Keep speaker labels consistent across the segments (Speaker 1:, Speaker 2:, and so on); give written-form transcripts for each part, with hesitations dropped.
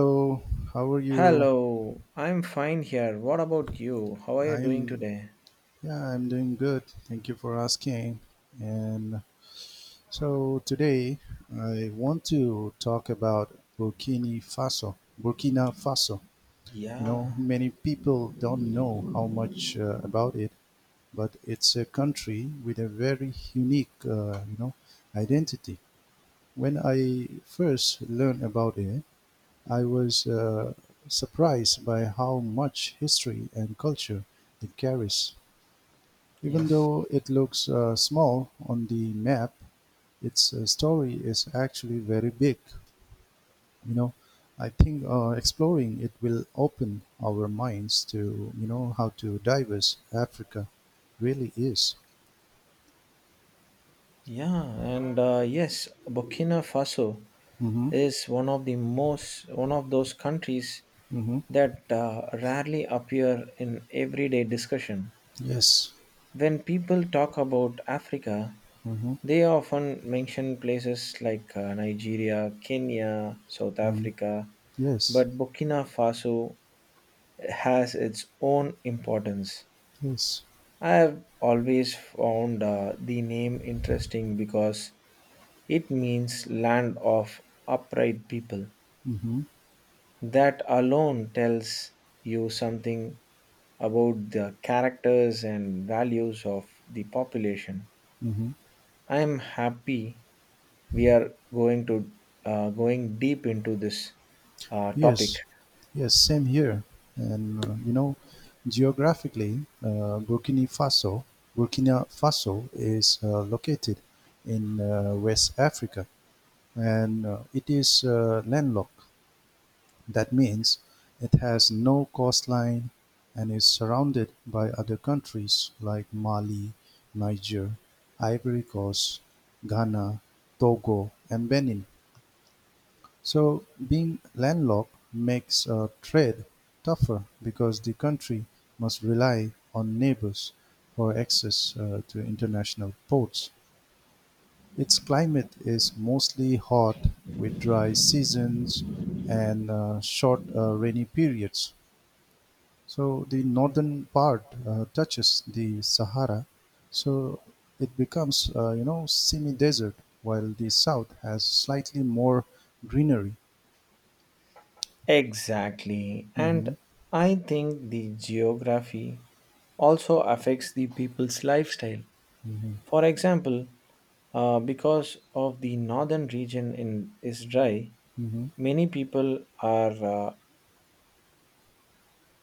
Speaker 1: So, how are you?
Speaker 2: Hello, I'm fine here. What about you? How are you doing
Speaker 1: I'm
Speaker 2: today?
Speaker 1: yeah, I'm doing good. Thank you for asking. And so today I want to talk about Burkina Faso. Burkina Faso. You know,
Speaker 2: Yeah,
Speaker 1: many people don't know how much about it, but it's a country with a very unique, identity. When I first learned about it, I was surprised by how much history and culture it carries. Even
Speaker 2: yes.
Speaker 1: though it looks small on the map, its story is actually very big. You know, I think exploring it will open our minds to how to diverse Africa really is.
Speaker 2: Yeah, and yes, Burkina Faso
Speaker 1: Mm-hmm.
Speaker 2: is one of the most, one of those countries
Speaker 1: Mm-hmm.
Speaker 2: that rarely appear in everyday discussion.
Speaker 1: Yes.
Speaker 2: When people talk about Africa,
Speaker 1: Mm-hmm.
Speaker 2: they often mention places like Nigeria, Kenya, South
Speaker 1: Mm.
Speaker 2: Africa,
Speaker 1: Yes.
Speaker 2: but Burkina Faso has its own importance.
Speaker 1: Yes.
Speaker 2: I have always found the name interesting because it means land of upright people.
Speaker 1: Mm-hmm.
Speaker 2: That alone tells you something about the characters and values of the population.
Speaker 1: Mm-hmm.
Speaker 2: I am happy we are going to going deep into this topic.
Speaker 1: Yes, yes, same here. And geographically, Burkina Faso is located in West Africa, and it is landlocked. That means it has no coastline and is surrounded by other countries like Mali, Niger, Ivory Coast, Ghana, Togo, and Benin. So being landlocked makes trade tougher because the country must rely on neighbors for access to international ports. Its climate is mostly hot with dry seasons and short rainy periods. So the northern part touches the Sahara, so it becomes semi-desert, while the south has slightly more greenery.
Speaker 2: Exactly. And
Speaker 1: Mhm.
Speaker 2: I think the geography also affects the people's lifestyle.
Speaker 1: Mhm.
Speaker 2: For example, because of the northern region in, is dry,
Speaker 1: Mhm.
Speaker 2: many people are uh,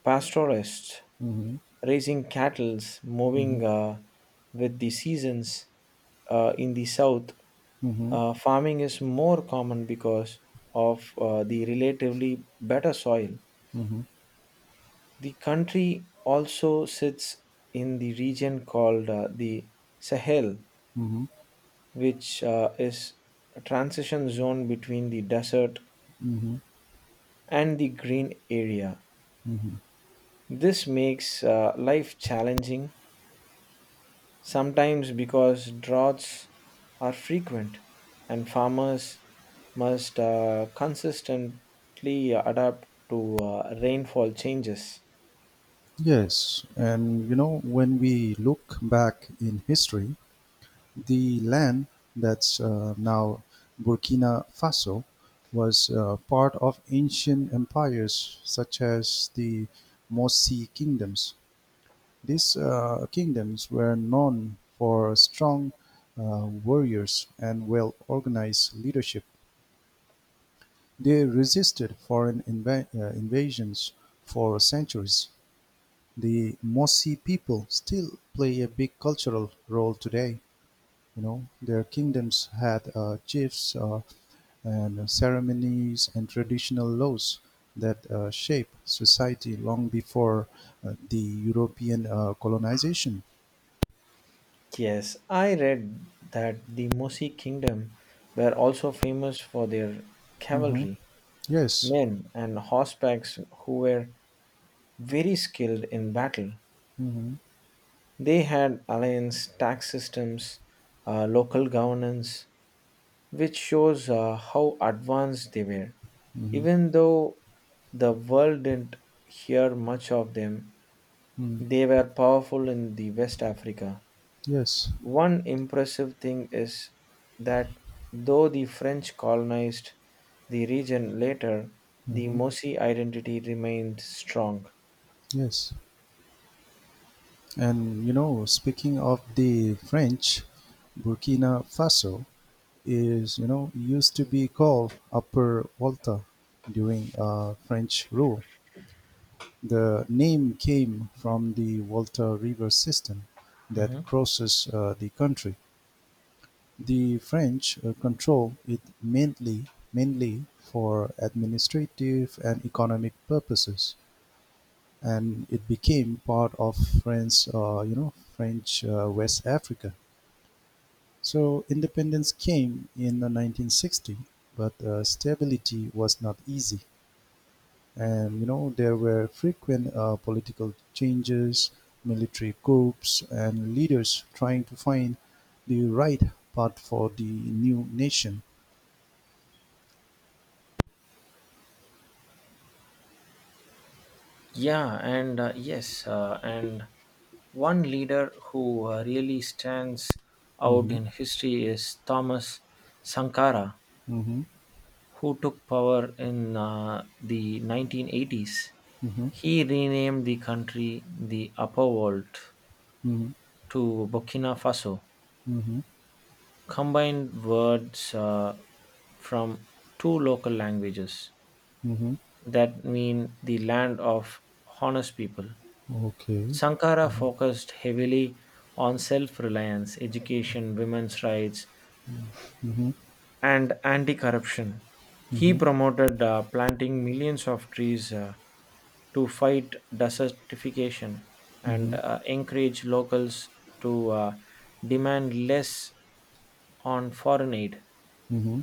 Speaker 2: pastoralists,
Speaker 1: Mhm.
Speaker 2: raising cattle, moving
Speaker 1: Mhm.
Speaker 2: with the seasons. In the south,
Speaker 1: Mhm.
Speaker 2: farming is more common because of the relatively better soil.
Speaker 1: Mhm.
Speaker 2: The country also sits in the region called the Sahel,
Speaker 1: Mhm.
Speaker 2: which is a transition zone between the desert
Speaker 1: Mhm.
Speaker 2: and the green area.
Speaker 1: Mhm.
Speaker 2: This makes life challenging, sometimes because droughts are frequent and farmers must consistently adapt to rainfall changes.
Speaker 1: Yes, and you know, when we look back in history, the land that's now Burkina Faso was part of ancient empires such as the Mosi kingdoms. These kingdoms were known for strong warriors and well organized leadership. They resisted foreign invasions for centuries. The Mossi people still play a big cultural role today. Their kingdoms had chiefs and ceremonies and traditional laws that shape society long before the European colonization.
Speaker 2: Yes, I read that the Musi kingdom were also famous for their
Speaker 1: Hmm.
Speaker 2: cavalry,
Speaker 1: Yes.
Speaker 2: men, and horsebacks who were very skilled in battle.
Speaker 1: Hmm.
Speaker 2: They had alliance tax systems, local governance, which shows how advanced they were.
Speaker 1: Hmm.
Speaker 2: Even though the world didn't hear much of them,
Speaker 1: Mm.
Speaker 2: they were powerful in the West Africa.
Speaker 1: Yes.
Speaker 2: One impressive thing is that though the French colonized the region later, the
Speaker 1: Hmm.
Speaker 2: Mosi identity remained strong.
Speaker 1: Yes. And you know, speaking of the French, Burkina Faso is used to be called Upper Volta during French rule. The name came from the Volta River system that
Speaker 2: Mhm.
Speaker 1: crosses the country. The French control it mainly for administrative and economic purposes, and it became part of France. French West Africa. So independence came in the 1960, but stability was not easy. And there were frequent political changes, military coups, and leaders trying to find the right path for the new nation.
Speaker 2: And one leader who really stands out
Speaker 1: Mm-hmm.
Speaker 2: in history is Thomas Sankara,
Speaker 1: Mm-hmm.
Speaker 2: who took power in the 1980s.
Speaker 1: Mm-hmm.
Speaker 2: He renamed the country the Upper World
Speaker 1: Mm-hmm.
Speaker 2: to Burkina Faso
Speaker 1: Mm-hmm.
Speaker 2: combined words from two local languages
Speaker 1: Mm-hmm.
Speaker 2: that mean the land of honest people.
Speaker 1: Okay.
Speaker 2: Sankara focused heavily on self reliance, education, women's rights,
Speaker 1: Mm-hmm.
Speaker 2: and anti corruption. He
Speaker 1: Mm-hmm.
Speaker 2: promoted planting millions of trees to fight desertification and
Speaker 1: Mm-hmm.
Speaker 2: encourage locals to demand less on foreign aid.
Speaker 1: Mm-hmm.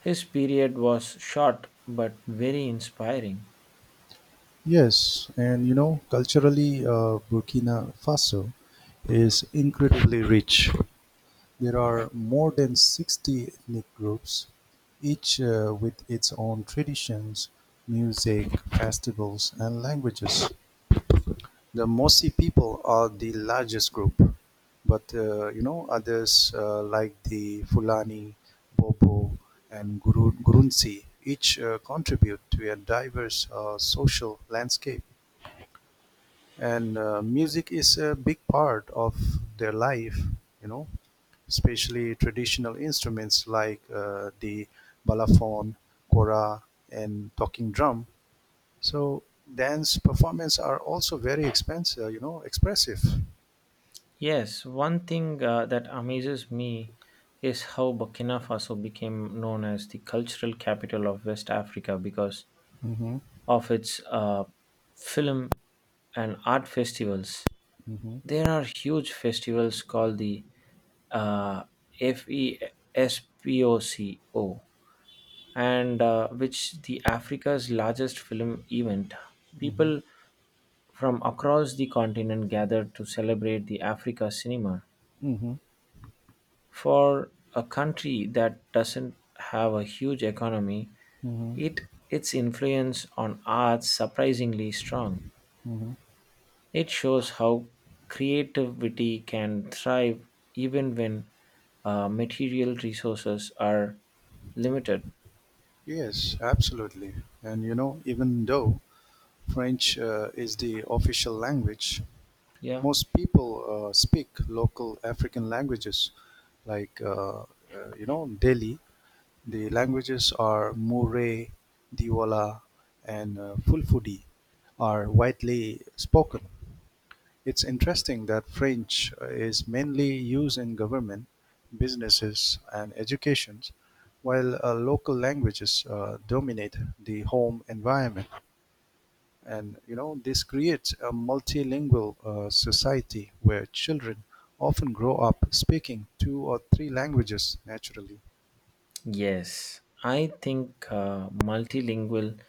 Speaker 2: His period was short but very inspiring.
Speaker 1: Yes, and culturally, Burkina Faso is incredibly rich. There are more than 60 ethnic groups, each with its own traditions, music, festivals, and languages. The Mossi people are the largest group, but others like the Fulani, Bobo, and Gurunsi each contribute to a diverse social landscape. And music is a big part of their life you know especially traditional instruments like the balafon, kora, and talking drum. So dance performance are also very expensive you know expressive.
Speaker 2: Yes, one thing that amazes me is how Burkina Faso became known as the cultural capital of West Africa because
Speaker 1: Hmm.
Speaker 2: of its film and art festivals.
Speaker 1: Hmm.
Speaker 2: There are huge festivals called the uh, FESPOCO, and which the Africa's largest film event.
Speaker 1: Hmm.
Speaker 2: People from across the continent gathered to celebrate the Africa cinema.
Speaker 1: Hmm.
Speaker 2: For a country that doesn't have a huge economy, it
Speaker 1: Hmm.
Speaker 2: its influence on arts surprisingly strong.
Speaker 1: Hmm.
Speaker 2: It shows how creativity can thrive even when material resources are limited.
Speaker 1: Yes, absolutely. And even though French is the official language,
Speaker 2: Yeah.
Speaker 1: most people speak local African languages, like Delhi. The languages are Mure, Diwala, and Fulfudi are widely spoken. It's interesting that French is mainly used in government, businesses, and educations, while local languages dominate the home environment. And this creates a multilingual society where children often grow up speaking two or three languages naturally.
Speaker 2: Yes, I think multilingual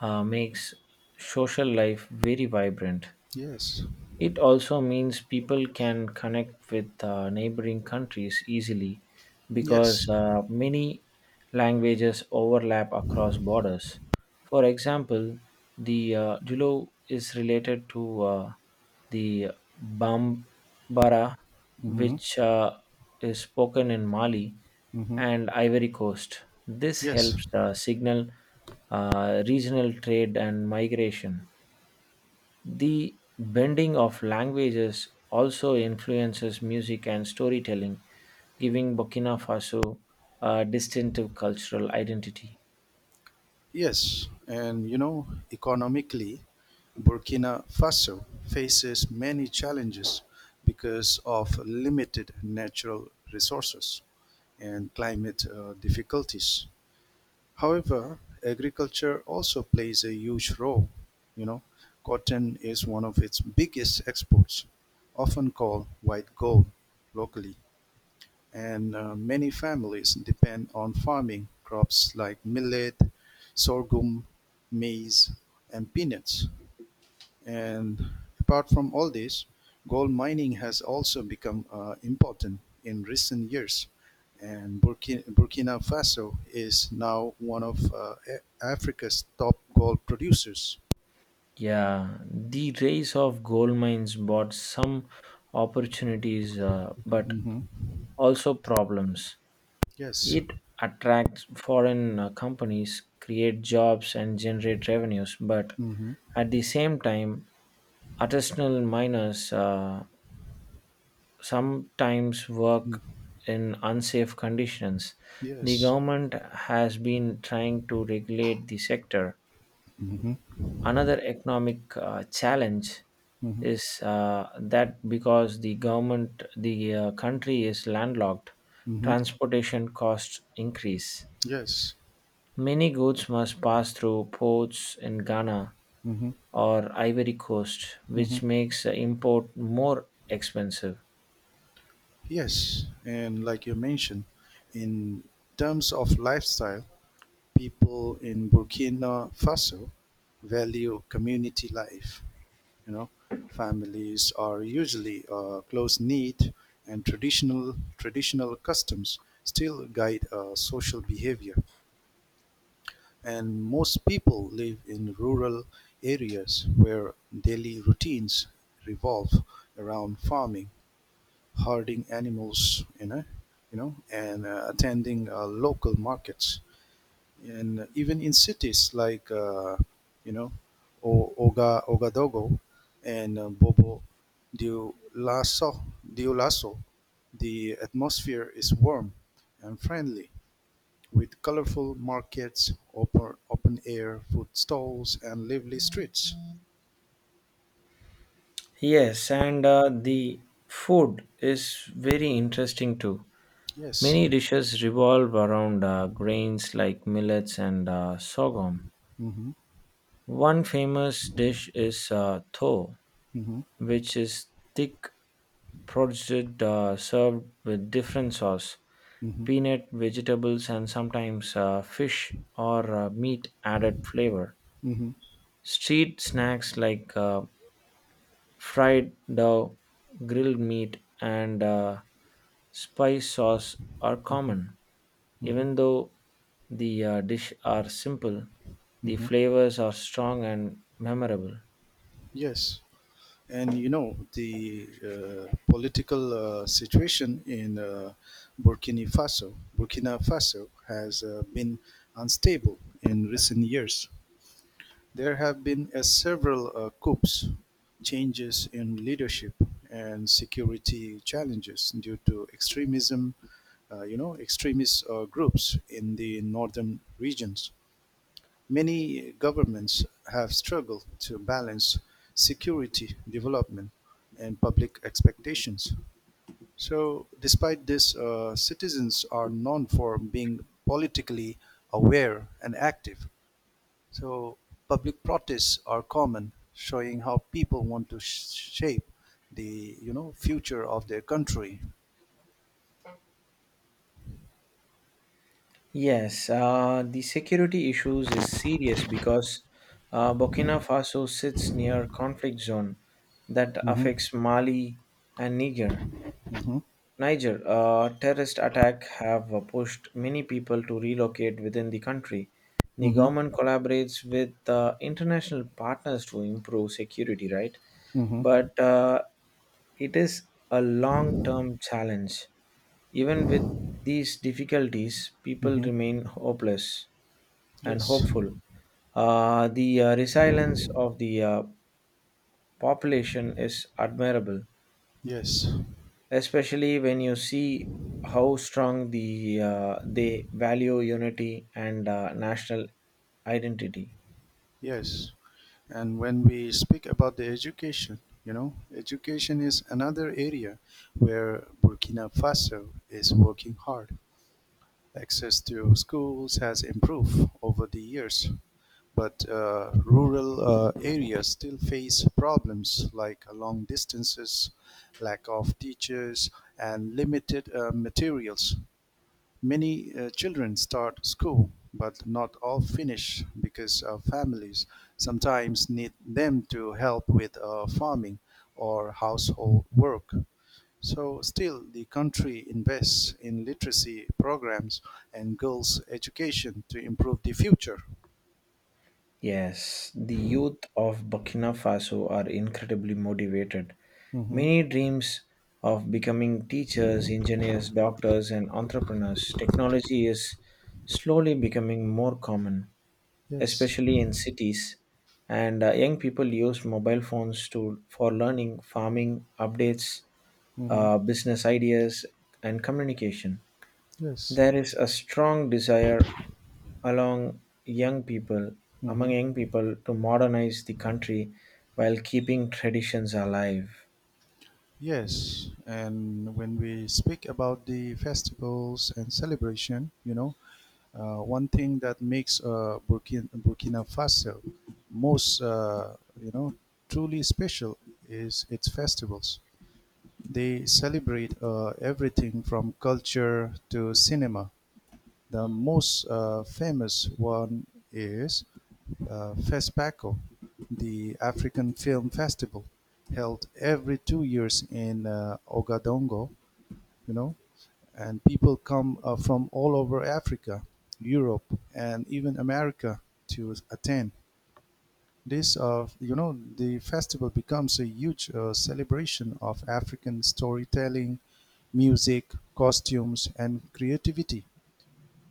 Speaker 2: makes social life very vibrant.
Speaker 1: Yes.
Speaker 2: It also means people can connect with neighboring countries easily because
Speaker 1: Yes.
Speaker 2: many languages overlap across borders. For example, the Dulo is related to the Bambara,
Speaker 1: Mm-hmm.
Speaker 2: which is spoken in Mali
Speaker 1: Mm-hmm.
Speaker 2: and Ivory Coast. This
Speaker 1: Yes.
Speaker 2: helps signal regional trade and migration. The bending of languages also influences music and storytelling, giving Burkina Faso a distinctive cultural identity.
Speaker 1: Yes. And economically, Burkina Faso faces many challenges because of limited natural resources and climate difficulties. However, agriculture also plays a huge role. You know, cotton is one of its biggest exports, often called white gold locally, and many families depend on farming crops like millet, sorghum, maize, and peanuts. And apart from all this, gold mining has also become important in recent years. And Burkina Faso is now one of Africa's top gold producers.
Speaker 2: Yeah, the rise of gold mines brought some opportunities, but
Speaker 1: Hmm.
Speaker 2: also problems.
Speaker 1: Yes.
Speaker 2: It attracts foreign companies, create jobs, and generate revenues. But
Speaker 1: Hmm.
Speaker 2: at the same time, artisanal miners sometimes work in unsafe conditions. The
Speaker 1: Yes.
Speaker 2: government has been trying to regulate the sector.
Speaker 1: Hmm.
Speaker 2: Another economic challenge
Speaker 1: Hmm.
Speaker 2: is that because the government, the country is landlocked,
Speaker 1: Hmm.
Speaker 2: transportation costs increase.
Speaker 1: Yes.
Speaker 2: Many goods must pass through ports in Ghana
Speaker 1: Hmm.
Speaker 2: or Ivory Coast,
Speaker 1: Hmm.
Speaker 2: which makes import more expensive.
Speaker 1: Yes. And like you mentioned, in terms of lifestyle, people in Burkina Faso value community life. You know, families are usually close-knit, and traditional customs still guide social behavior. And most people live in rural areas where daily routines revolve around farming, herding animals, and attending local markets, and even in cities like you know Oga Ogadogo and Bobo Dio Lasso, Dio Lasso, the atmosphere is warm and friendly, with colorful markets, open air food stalls, and lively streets.
Speaker 2: Yes, and the food is very interesting too.
Speaker 1: Yes.
Speaker 2: Many dishes revolve around grains like millets and sorghum.
Speaker 1: Mm-hmm.
Speaker 2: One famous dish is tho,
Speaker 1: Mm-hmm.
Speaker 2: which is thick produce served with different sauce,
Speaker 1: Mm-hmm.
Speaker 2: peanut, vegetables, and sometimes fish or meat added flavor.
Speaker 1: Mm-hmm.
Speaker 2: Street snacks like fried dough, grilled meat, and spice sauce are common.
Speaker 1: Mm-hmm.
Speaker 2: Even though the dish are simple, the
Speaker 1: Mm-hmm.
Speaker 2: flavors are strong and memorable.
Speaker 1: Yes. And the political situation in Burkina Faso has been unstable in recent years. There have been several coups, changes in leadership, and security challenges due to extremism, extremist groups in the northern regions. Many governments have struggled to balance security, development, and public expectations. So, despite this, citizens are known for being politically aware and active. So, public protests are common, showing how people want to shape the future of their country.
Speaker 2: Yes, the security issues is serious because Burkina Faso sits near conflict zone that
Speaker 1: Mm-hmm.
Speaker 2: affects Mali and Niger.
Speaker 1: Mm-hmm.
Speaker 2: Niger, a terrorist attack have pushed many people to relocate within the country. The government
Speaker 1: Mm-hmm.
Speaker 2: collaborates with international partners to improve security, right?
Speaker 1: Mm-hmm.
Speaker 2: But it is a long-term challenge. Even with these difficulties, people
Speaker 1: Mm-hmm.
Speaker 2: remain hopeless and
Speaker 1: Yes.
Speaker 2: hopeful. The resilience of the population is admirable,
Speaker 1: Yes.
Speaker 2: especially when you see how strong the they value unity and national identity.
Speaker 1: Yes, and when we speak about the education, education is another area where Burkina Faso is working hard. Access to schools has improved over the years, but rural areas still face problems like long distances, lack of teachers, and limited materials. Many children start school, but not all finish because families sometimes need them to help with farming or household work. So, still, the country invests in literacy programs and girls' education to improve the future.
Speaker 2: Yes, the youth of Burkina Faso are incredibly motivated.
Speaker 1: Mm-hmm.
Speaker 2: Many dreams of becoming teachers, engineers, doctors, and entrepreneurs. Technology is slowly becoming more common,
Speaker 1: Yes.
Speaker 2: especially in cities. And young people use mobile phones to for learning, farming, updates,
Speaker 1: Mm-hmm.
Speaker 2: business ideas, and communication.
Speaker 1: Yes.
Speaker 2: There is a strong desire along young people among
Speaker 1: Mm-hmm.
Speaker 2: young people to modernize the country while keeping traditions alive.
Speaker 1: Yes, and when we speak about the festivals and celebration, one thing that makes Burkina Faso most, uh, you know, truly special is its festivals. They celebrate everything from culture to cinema. The most famous one is FESPACO, the African Film Festival, held every 2 years in Ogadongo, you know, and people come from all over Africa, Europe, and even America to attend. The festival becomes a huge celebration of African storytelling, music, costumes, and creativity.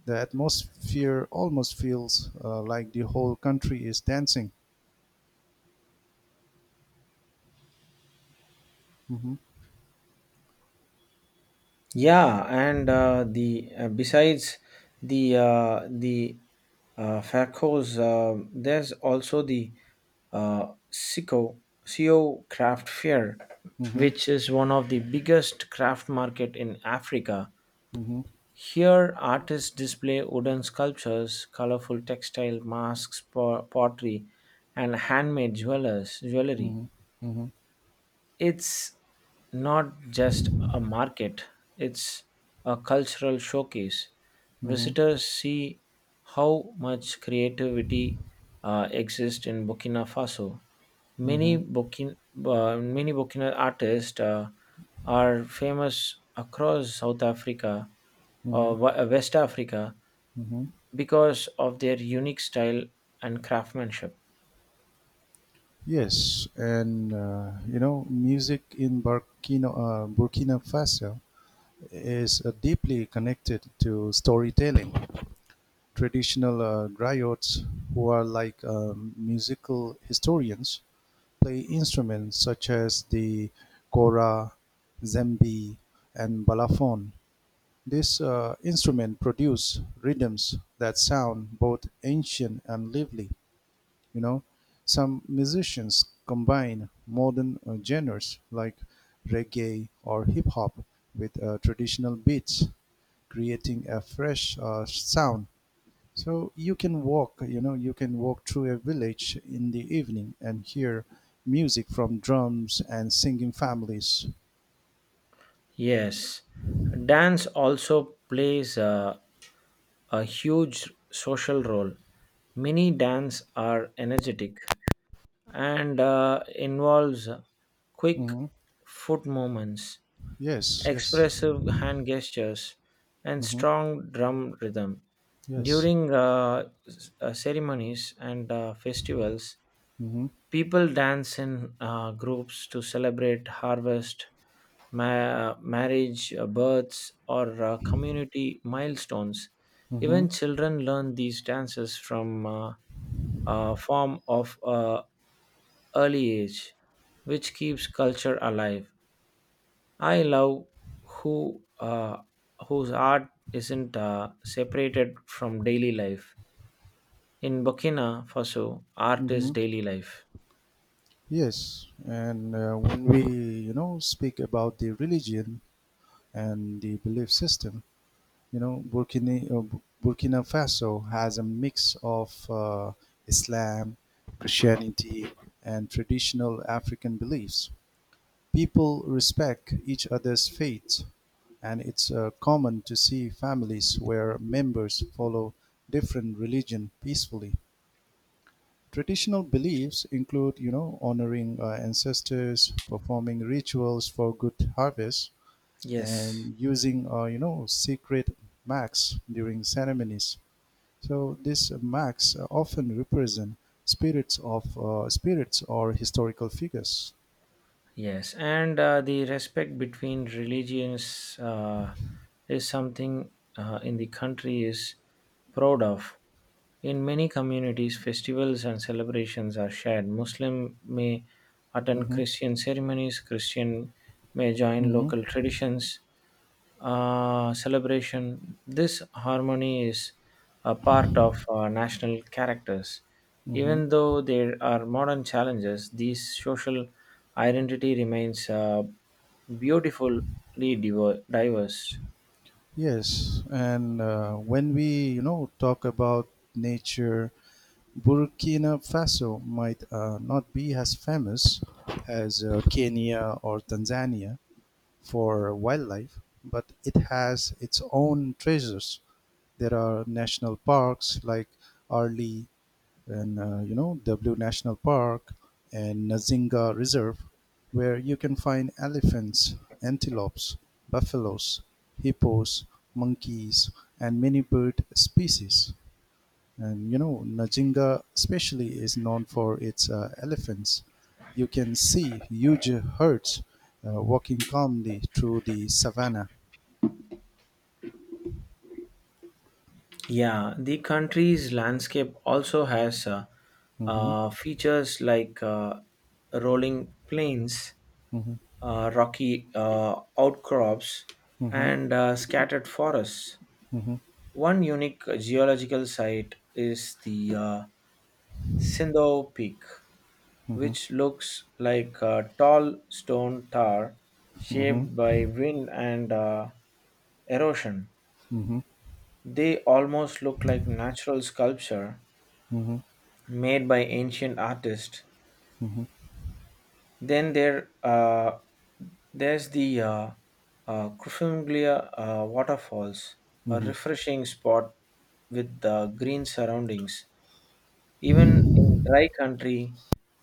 Speaker 1: The atmosphere almost feels like the whole country is dancing. Mhm.
Speaker 2: Yeah, and the besides the Farcos, there's also the SICO, CO craft fair,
Speaker 1: Mhm.
Speaker 2: which is one of the biggest craft market in Africa.
Speaker 1: Mhm.
Speaker 2: Here, artists display wooden sculptures, colorful textile masks, pottery, and handmade jewelers, jewelry.
Speaker 1: Mhm. Mhm.
Speaker 2: It's not just a market, it's a cultural showcase.
Speaker 1: Mhm.
Speaker 2: Visitors see how much creativity exists in Burkina Faso. Many
Speaker 1: Mhm.
Speaker 2: Burkina, uh, many Burkina artists are famous across South Africa or
Speaker 1: Mhm.
Speaker 2: West Africa
Speaker 1: Mhm.
Speaker 2: because of their unique style and craftsmanship.
Speaker 1: Yes, and music in Burkina Faso is deeply connected to storytelling. Traditional griots, who are like musical historians, play instruments such as the kora, zembi, and balafon. This instrument produce rhythms that sound both ancient and lively. You know, some musicians combine modern genres like reggae or hip hop with traditional beats, creating a fresh sound. So you can walk through a village in the evening and hear music from drums and singing families.
Speaker 2: Yes, dance also plays a huge social role. Mini dance are energetic and involves quick
Speaker 1: Hmm.
Speaker 2: foot movements,
Speaker 1: Yes, yes.
Speaker 2: expressive hand gestures, and
Speaker 1: Hmm.
Speaker 2: strong drum rhythm.
Speaker 1: Yes.
Speaker 2: During ceremonies and festivals,
Speaker 1: Hmm.
Speaker 2: people dance in groups to celebrate harvest, marriage, births, or community milestones.
Speaker 1: Hmm.
Speaker 2: Even children learn these dances from a form of early age, which keeps culture alive. I love who whose art isn't separated from daily life. In Burkina Faso, art is
Speaker 1: Hmm.
Speaker 2: daily life.
Speaker 1: Yes, and when we, speak about the religion, and the belief system. You know, Burkina, uh, Burkina Faso has a mix of Islam, Christianity, and traditional African beliefs. People respect each other's faith, and it's common to see families where members follow different religion peacefully. Traditional beliefs include, honoring ancestors, performing rituals for good harvests,
Speaker 2: Yes.
Speaker 1: and using sacred max during ceremonies. So these max often represent spirits or historical figures.
Speaker 2: Yes, and the respect between religions is something in the country is proud of. In many communities, festivals and celebrations are shared. Muslim may attend
Speaker 1: Hmm.
Speaker 2: Christian ceremonies, Christian may join
Speaker 1: Hmm.
Speaker 2: local traditions, celebration. This harmony is a part of national characters.
Speaker 1: Hmm.
Speaker 2: Even though there are modern challenges, these social identity remains beautifully diverse.
Speaker 1: Yes, and when we talk about nature, Burkina Faso might not be as famous as Kenya or Tanzania for wildlife, but it has its own treasures. There are national parks like Arli and W National Park and Nazinga Reserve, where you can find elephants, antelopes, buffaloes, hippos, monkeys, and many bird species. And Nazinga especially is known for its elephants. You can see huge herds walking calmly through the savannah.
Speaker 2: Yeah, the country's landscape also has
Speaker 1: Mm-hmm.
Speaker 2: features like rolling plains, rocky outcrops,
Speaker 1: Hmm.
Speaker 2: and scattered forests.
Speaker 1: Hmm.
Speaker 2: One unique geological site is the Sindho Peak, which looks like a tall stone tower
Speaker 1: Hmm.
Speaker 2: shaped by wind and erosion.
Speaker 1: Hmm.
Speaker 2: They almost look like natural sculpture
Speaker 1: Hmm.
Speaker 2: made by ancient artists. Then there's the Kufumglia, waterfalls, a
Speaker 1: Hmm.
Speaker 2: refreshing spot with the green surroundings. Even in dry country,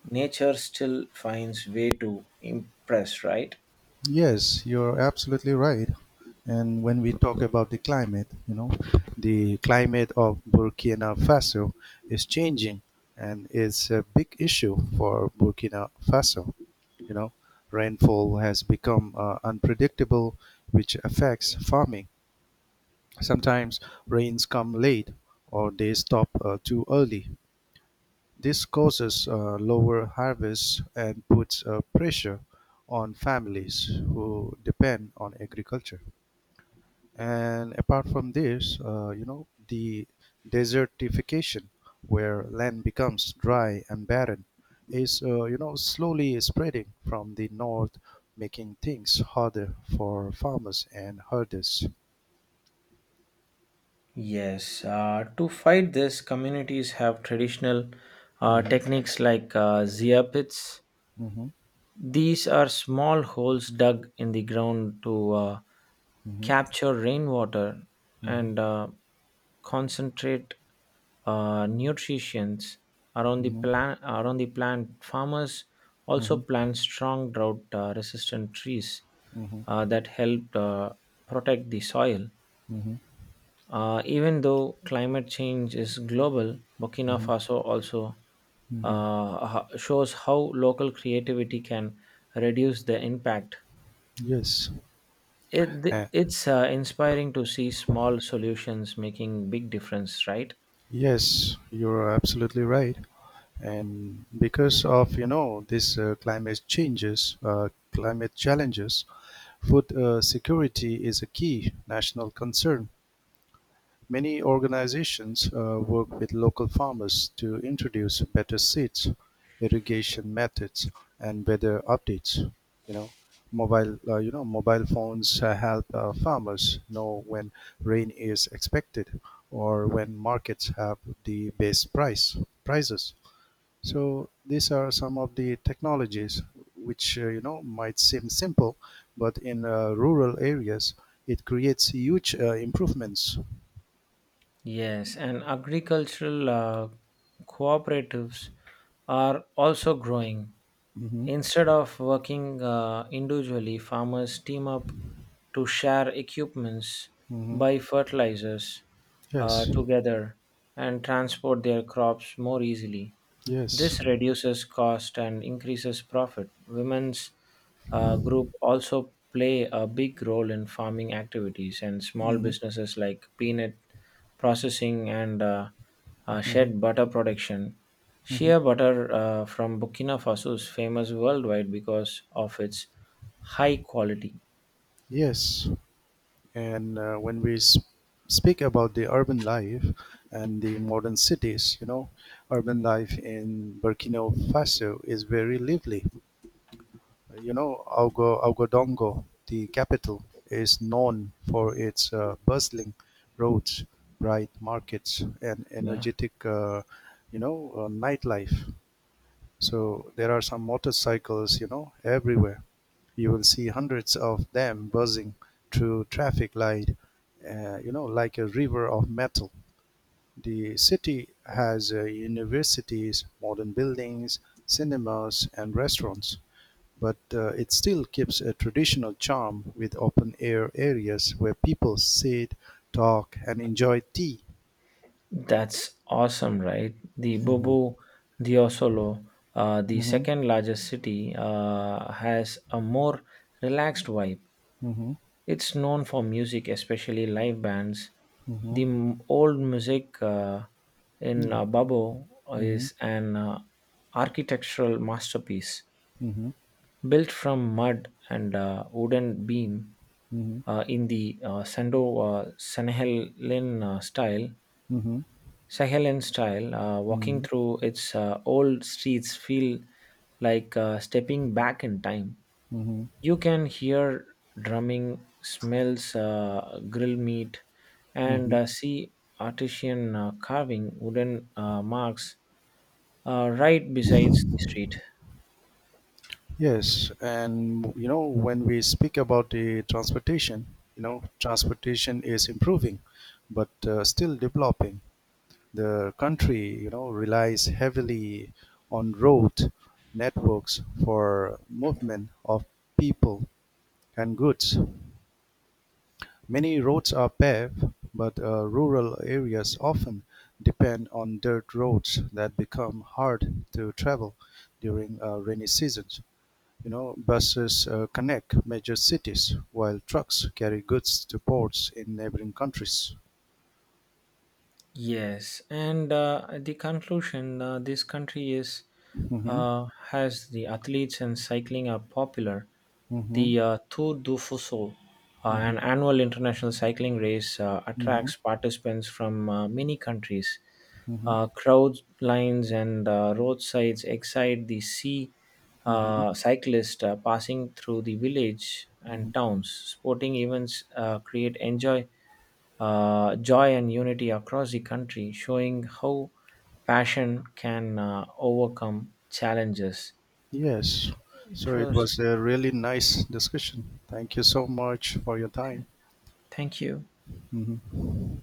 Speaker 2: nature still finds way to impress, right?
Speaker 1: Yes, you're absolutely right. And when we talk about the climate, the climate of Burkina Faso is changing and it's a big issue for Burkina Faso. You know, rainfall has become unpredictable, which affects farming. Sometimes rains come late or they stop too early. This causes lower harvests and puts pressure on families who depend on agriculture. And apart from this, the desertification, where land becomes dry and barren, is slowly spreading from the north, making things harder for farmers and herders.
Speaker 2: Yes, to fight this, communities have traditional
Speaker 1: Mhm.
Speaker 2: techniques like zia pits.
Speaker 1: Mhm.
Speaker 2: These are small holes dug in the ground to
Speaker 1: Mhm.
Speaker 2: capture rainwater
Speaker 1: Mhm.
Speaker 2: and concentrate nutrients around the
Speaker 1: Mhm.
Speaker 2: plant. Around the plant, farmers also
Speaker 1: Mhm.
Speaker 2: plant strong drought-resistant trees
Speaker 1: Mhm.
Speaker 2: that help protect the soil.
Speaker 1: Mhm.
Speaker 2: Even though climate change is global, Burkina
Speaker 1: Mhm.
Speaker 2: Faso also
Speaker 1: Mhm.
Speaker 2: shows how local creativity can reduce the impact.
Speaker 1: Yes,
Speaker 2: It, it's inspiring to see small solutions making big difference, right?
Speaker 1: yes, you're absolutely right. And because of, this climate challenges, food security is a key national concern. Many organizations work with local farmers to introduce better seeds, irrigation methods, and weather updates. You know, mobile phones help farmers know when rain is expected or when markets have the best prices. So these are some of the technologies which might seem simple, but in rural areas it creates huge improvements.
Speaker 2: Yes, and agricultural cooperatives are also growing.
Speaker 1: Mhm.
Speaker 2: Instead of working individually, farmers team up to share equipments,
Speaker 1: Hmm.
Speaker 2: buy fertilizers
Speaker 1: Yes,
Speaker 2: together, and transport their crops more easily.
Speaker 1: yes.
Speaker 2: This reduces cost and increases profit. Women's group also play a big role in farming activities and small
Speaker 1: Hmm.
Speaker 2: businesses like peanut processing and
Speaker 1: Hmm.
Speaker 2: shed butter production.
Speaker 1: Hmm.
Speaker 2: Shea butter from Burkina Faso is famous worldwide because of its high quality.
Speaker 1: Yes, and when we speak about the urban life and the modern cities, urban life in Burkina Faso is very lively. Ouagadougou, the capital, is known for its bustling roads, bright markets, and
Speaker 2: Yeah,
Speaker 1: energetic, nightlife. So there are some motorcycles, everywhere you will see hundreds of them buzzing through traffic light, like a river of metal. The city has universities, modern buildings, cinemas, and restaurants, but it still keeps a traditional charm with open air areas where people sit, talk, and enjoy tea.
Speaker 2: that's awesome, right? The
Speaker 1: Mhm.
Speaker 2: Bobo Diosolo, the
Speaker 1: Mhm.
Speaker 2: second largest city, has a more relaxed vibe.
Speaker 1: Mhm.
Speaker 2: It's known for music, especially live bands.
Speaker 1: Mhm. Mhm.
Speaker 2: The old music in Babbo
Speaker 1: Mhm.
Speaker 2: is an architectural masterpiece
Speaker 1: Mhm.
Speaker 2: built from mud and wooden beam
Speaker 1: Mhm.
Speaker 2: in the Sando Sahelin style.
Speaker 1: Mhm.
Speaker 2: Sahelin style, walking
Speaker 1: Mhm.
Speaker 2: through its old streets feel like stepping back in time.
Speaker 1: Mhm.
Speaker 2: You can hear drumming, smells grill meat, and
Speaker 1: Mhm.
Speaker 2: see artisan carving wooden marks right besides the street.
Speaker 1: Yes, and you know, when we speak about the transportation, transportation is improving, but still developing. The country, relies heavily on road networks for movement of people and goods. Many roads are paved, but rural areas often depend on dirt roads that become hard to travel during rainy season. Buses connect major cities, while trucks carry goods to ports in neighboring countries.
Speaker 2: Yes, and the conclusion: this country is
Speaker 1: Mm-hmm.
Speaker 2: has the athletes and cycling are popular.
Speaker 1: Mm-hmm.
Speaker 2: The Tour du Fuso,
Speaker 1: Mm-hmm.
Speaker 2: an annual international cycling race,
Speaker 1: Mm-hmm.
Speaker 2: attracts participants from many countries.
Speaker 1: Mm-hmm.
Speaker 2: Crowd lines and roadsides excite the sea
Speaker 1: Mm-hmm.
Speaker 2: cyclist passing through the village
Speaker 1: Mm-hmm.
Speaker 2: and towns. Sporting events create enjoy joy and unity across the country, showing how passion can overcome challenges.
Speaker 1: Yes. So
Speaker 2: It
Speaker 1: it
Speaker 2: was,
Speaker 1: was a really nice discussion. Thank you so much for your time.
Speaker 2: thank you.
Speaker 1: Mm-hmm.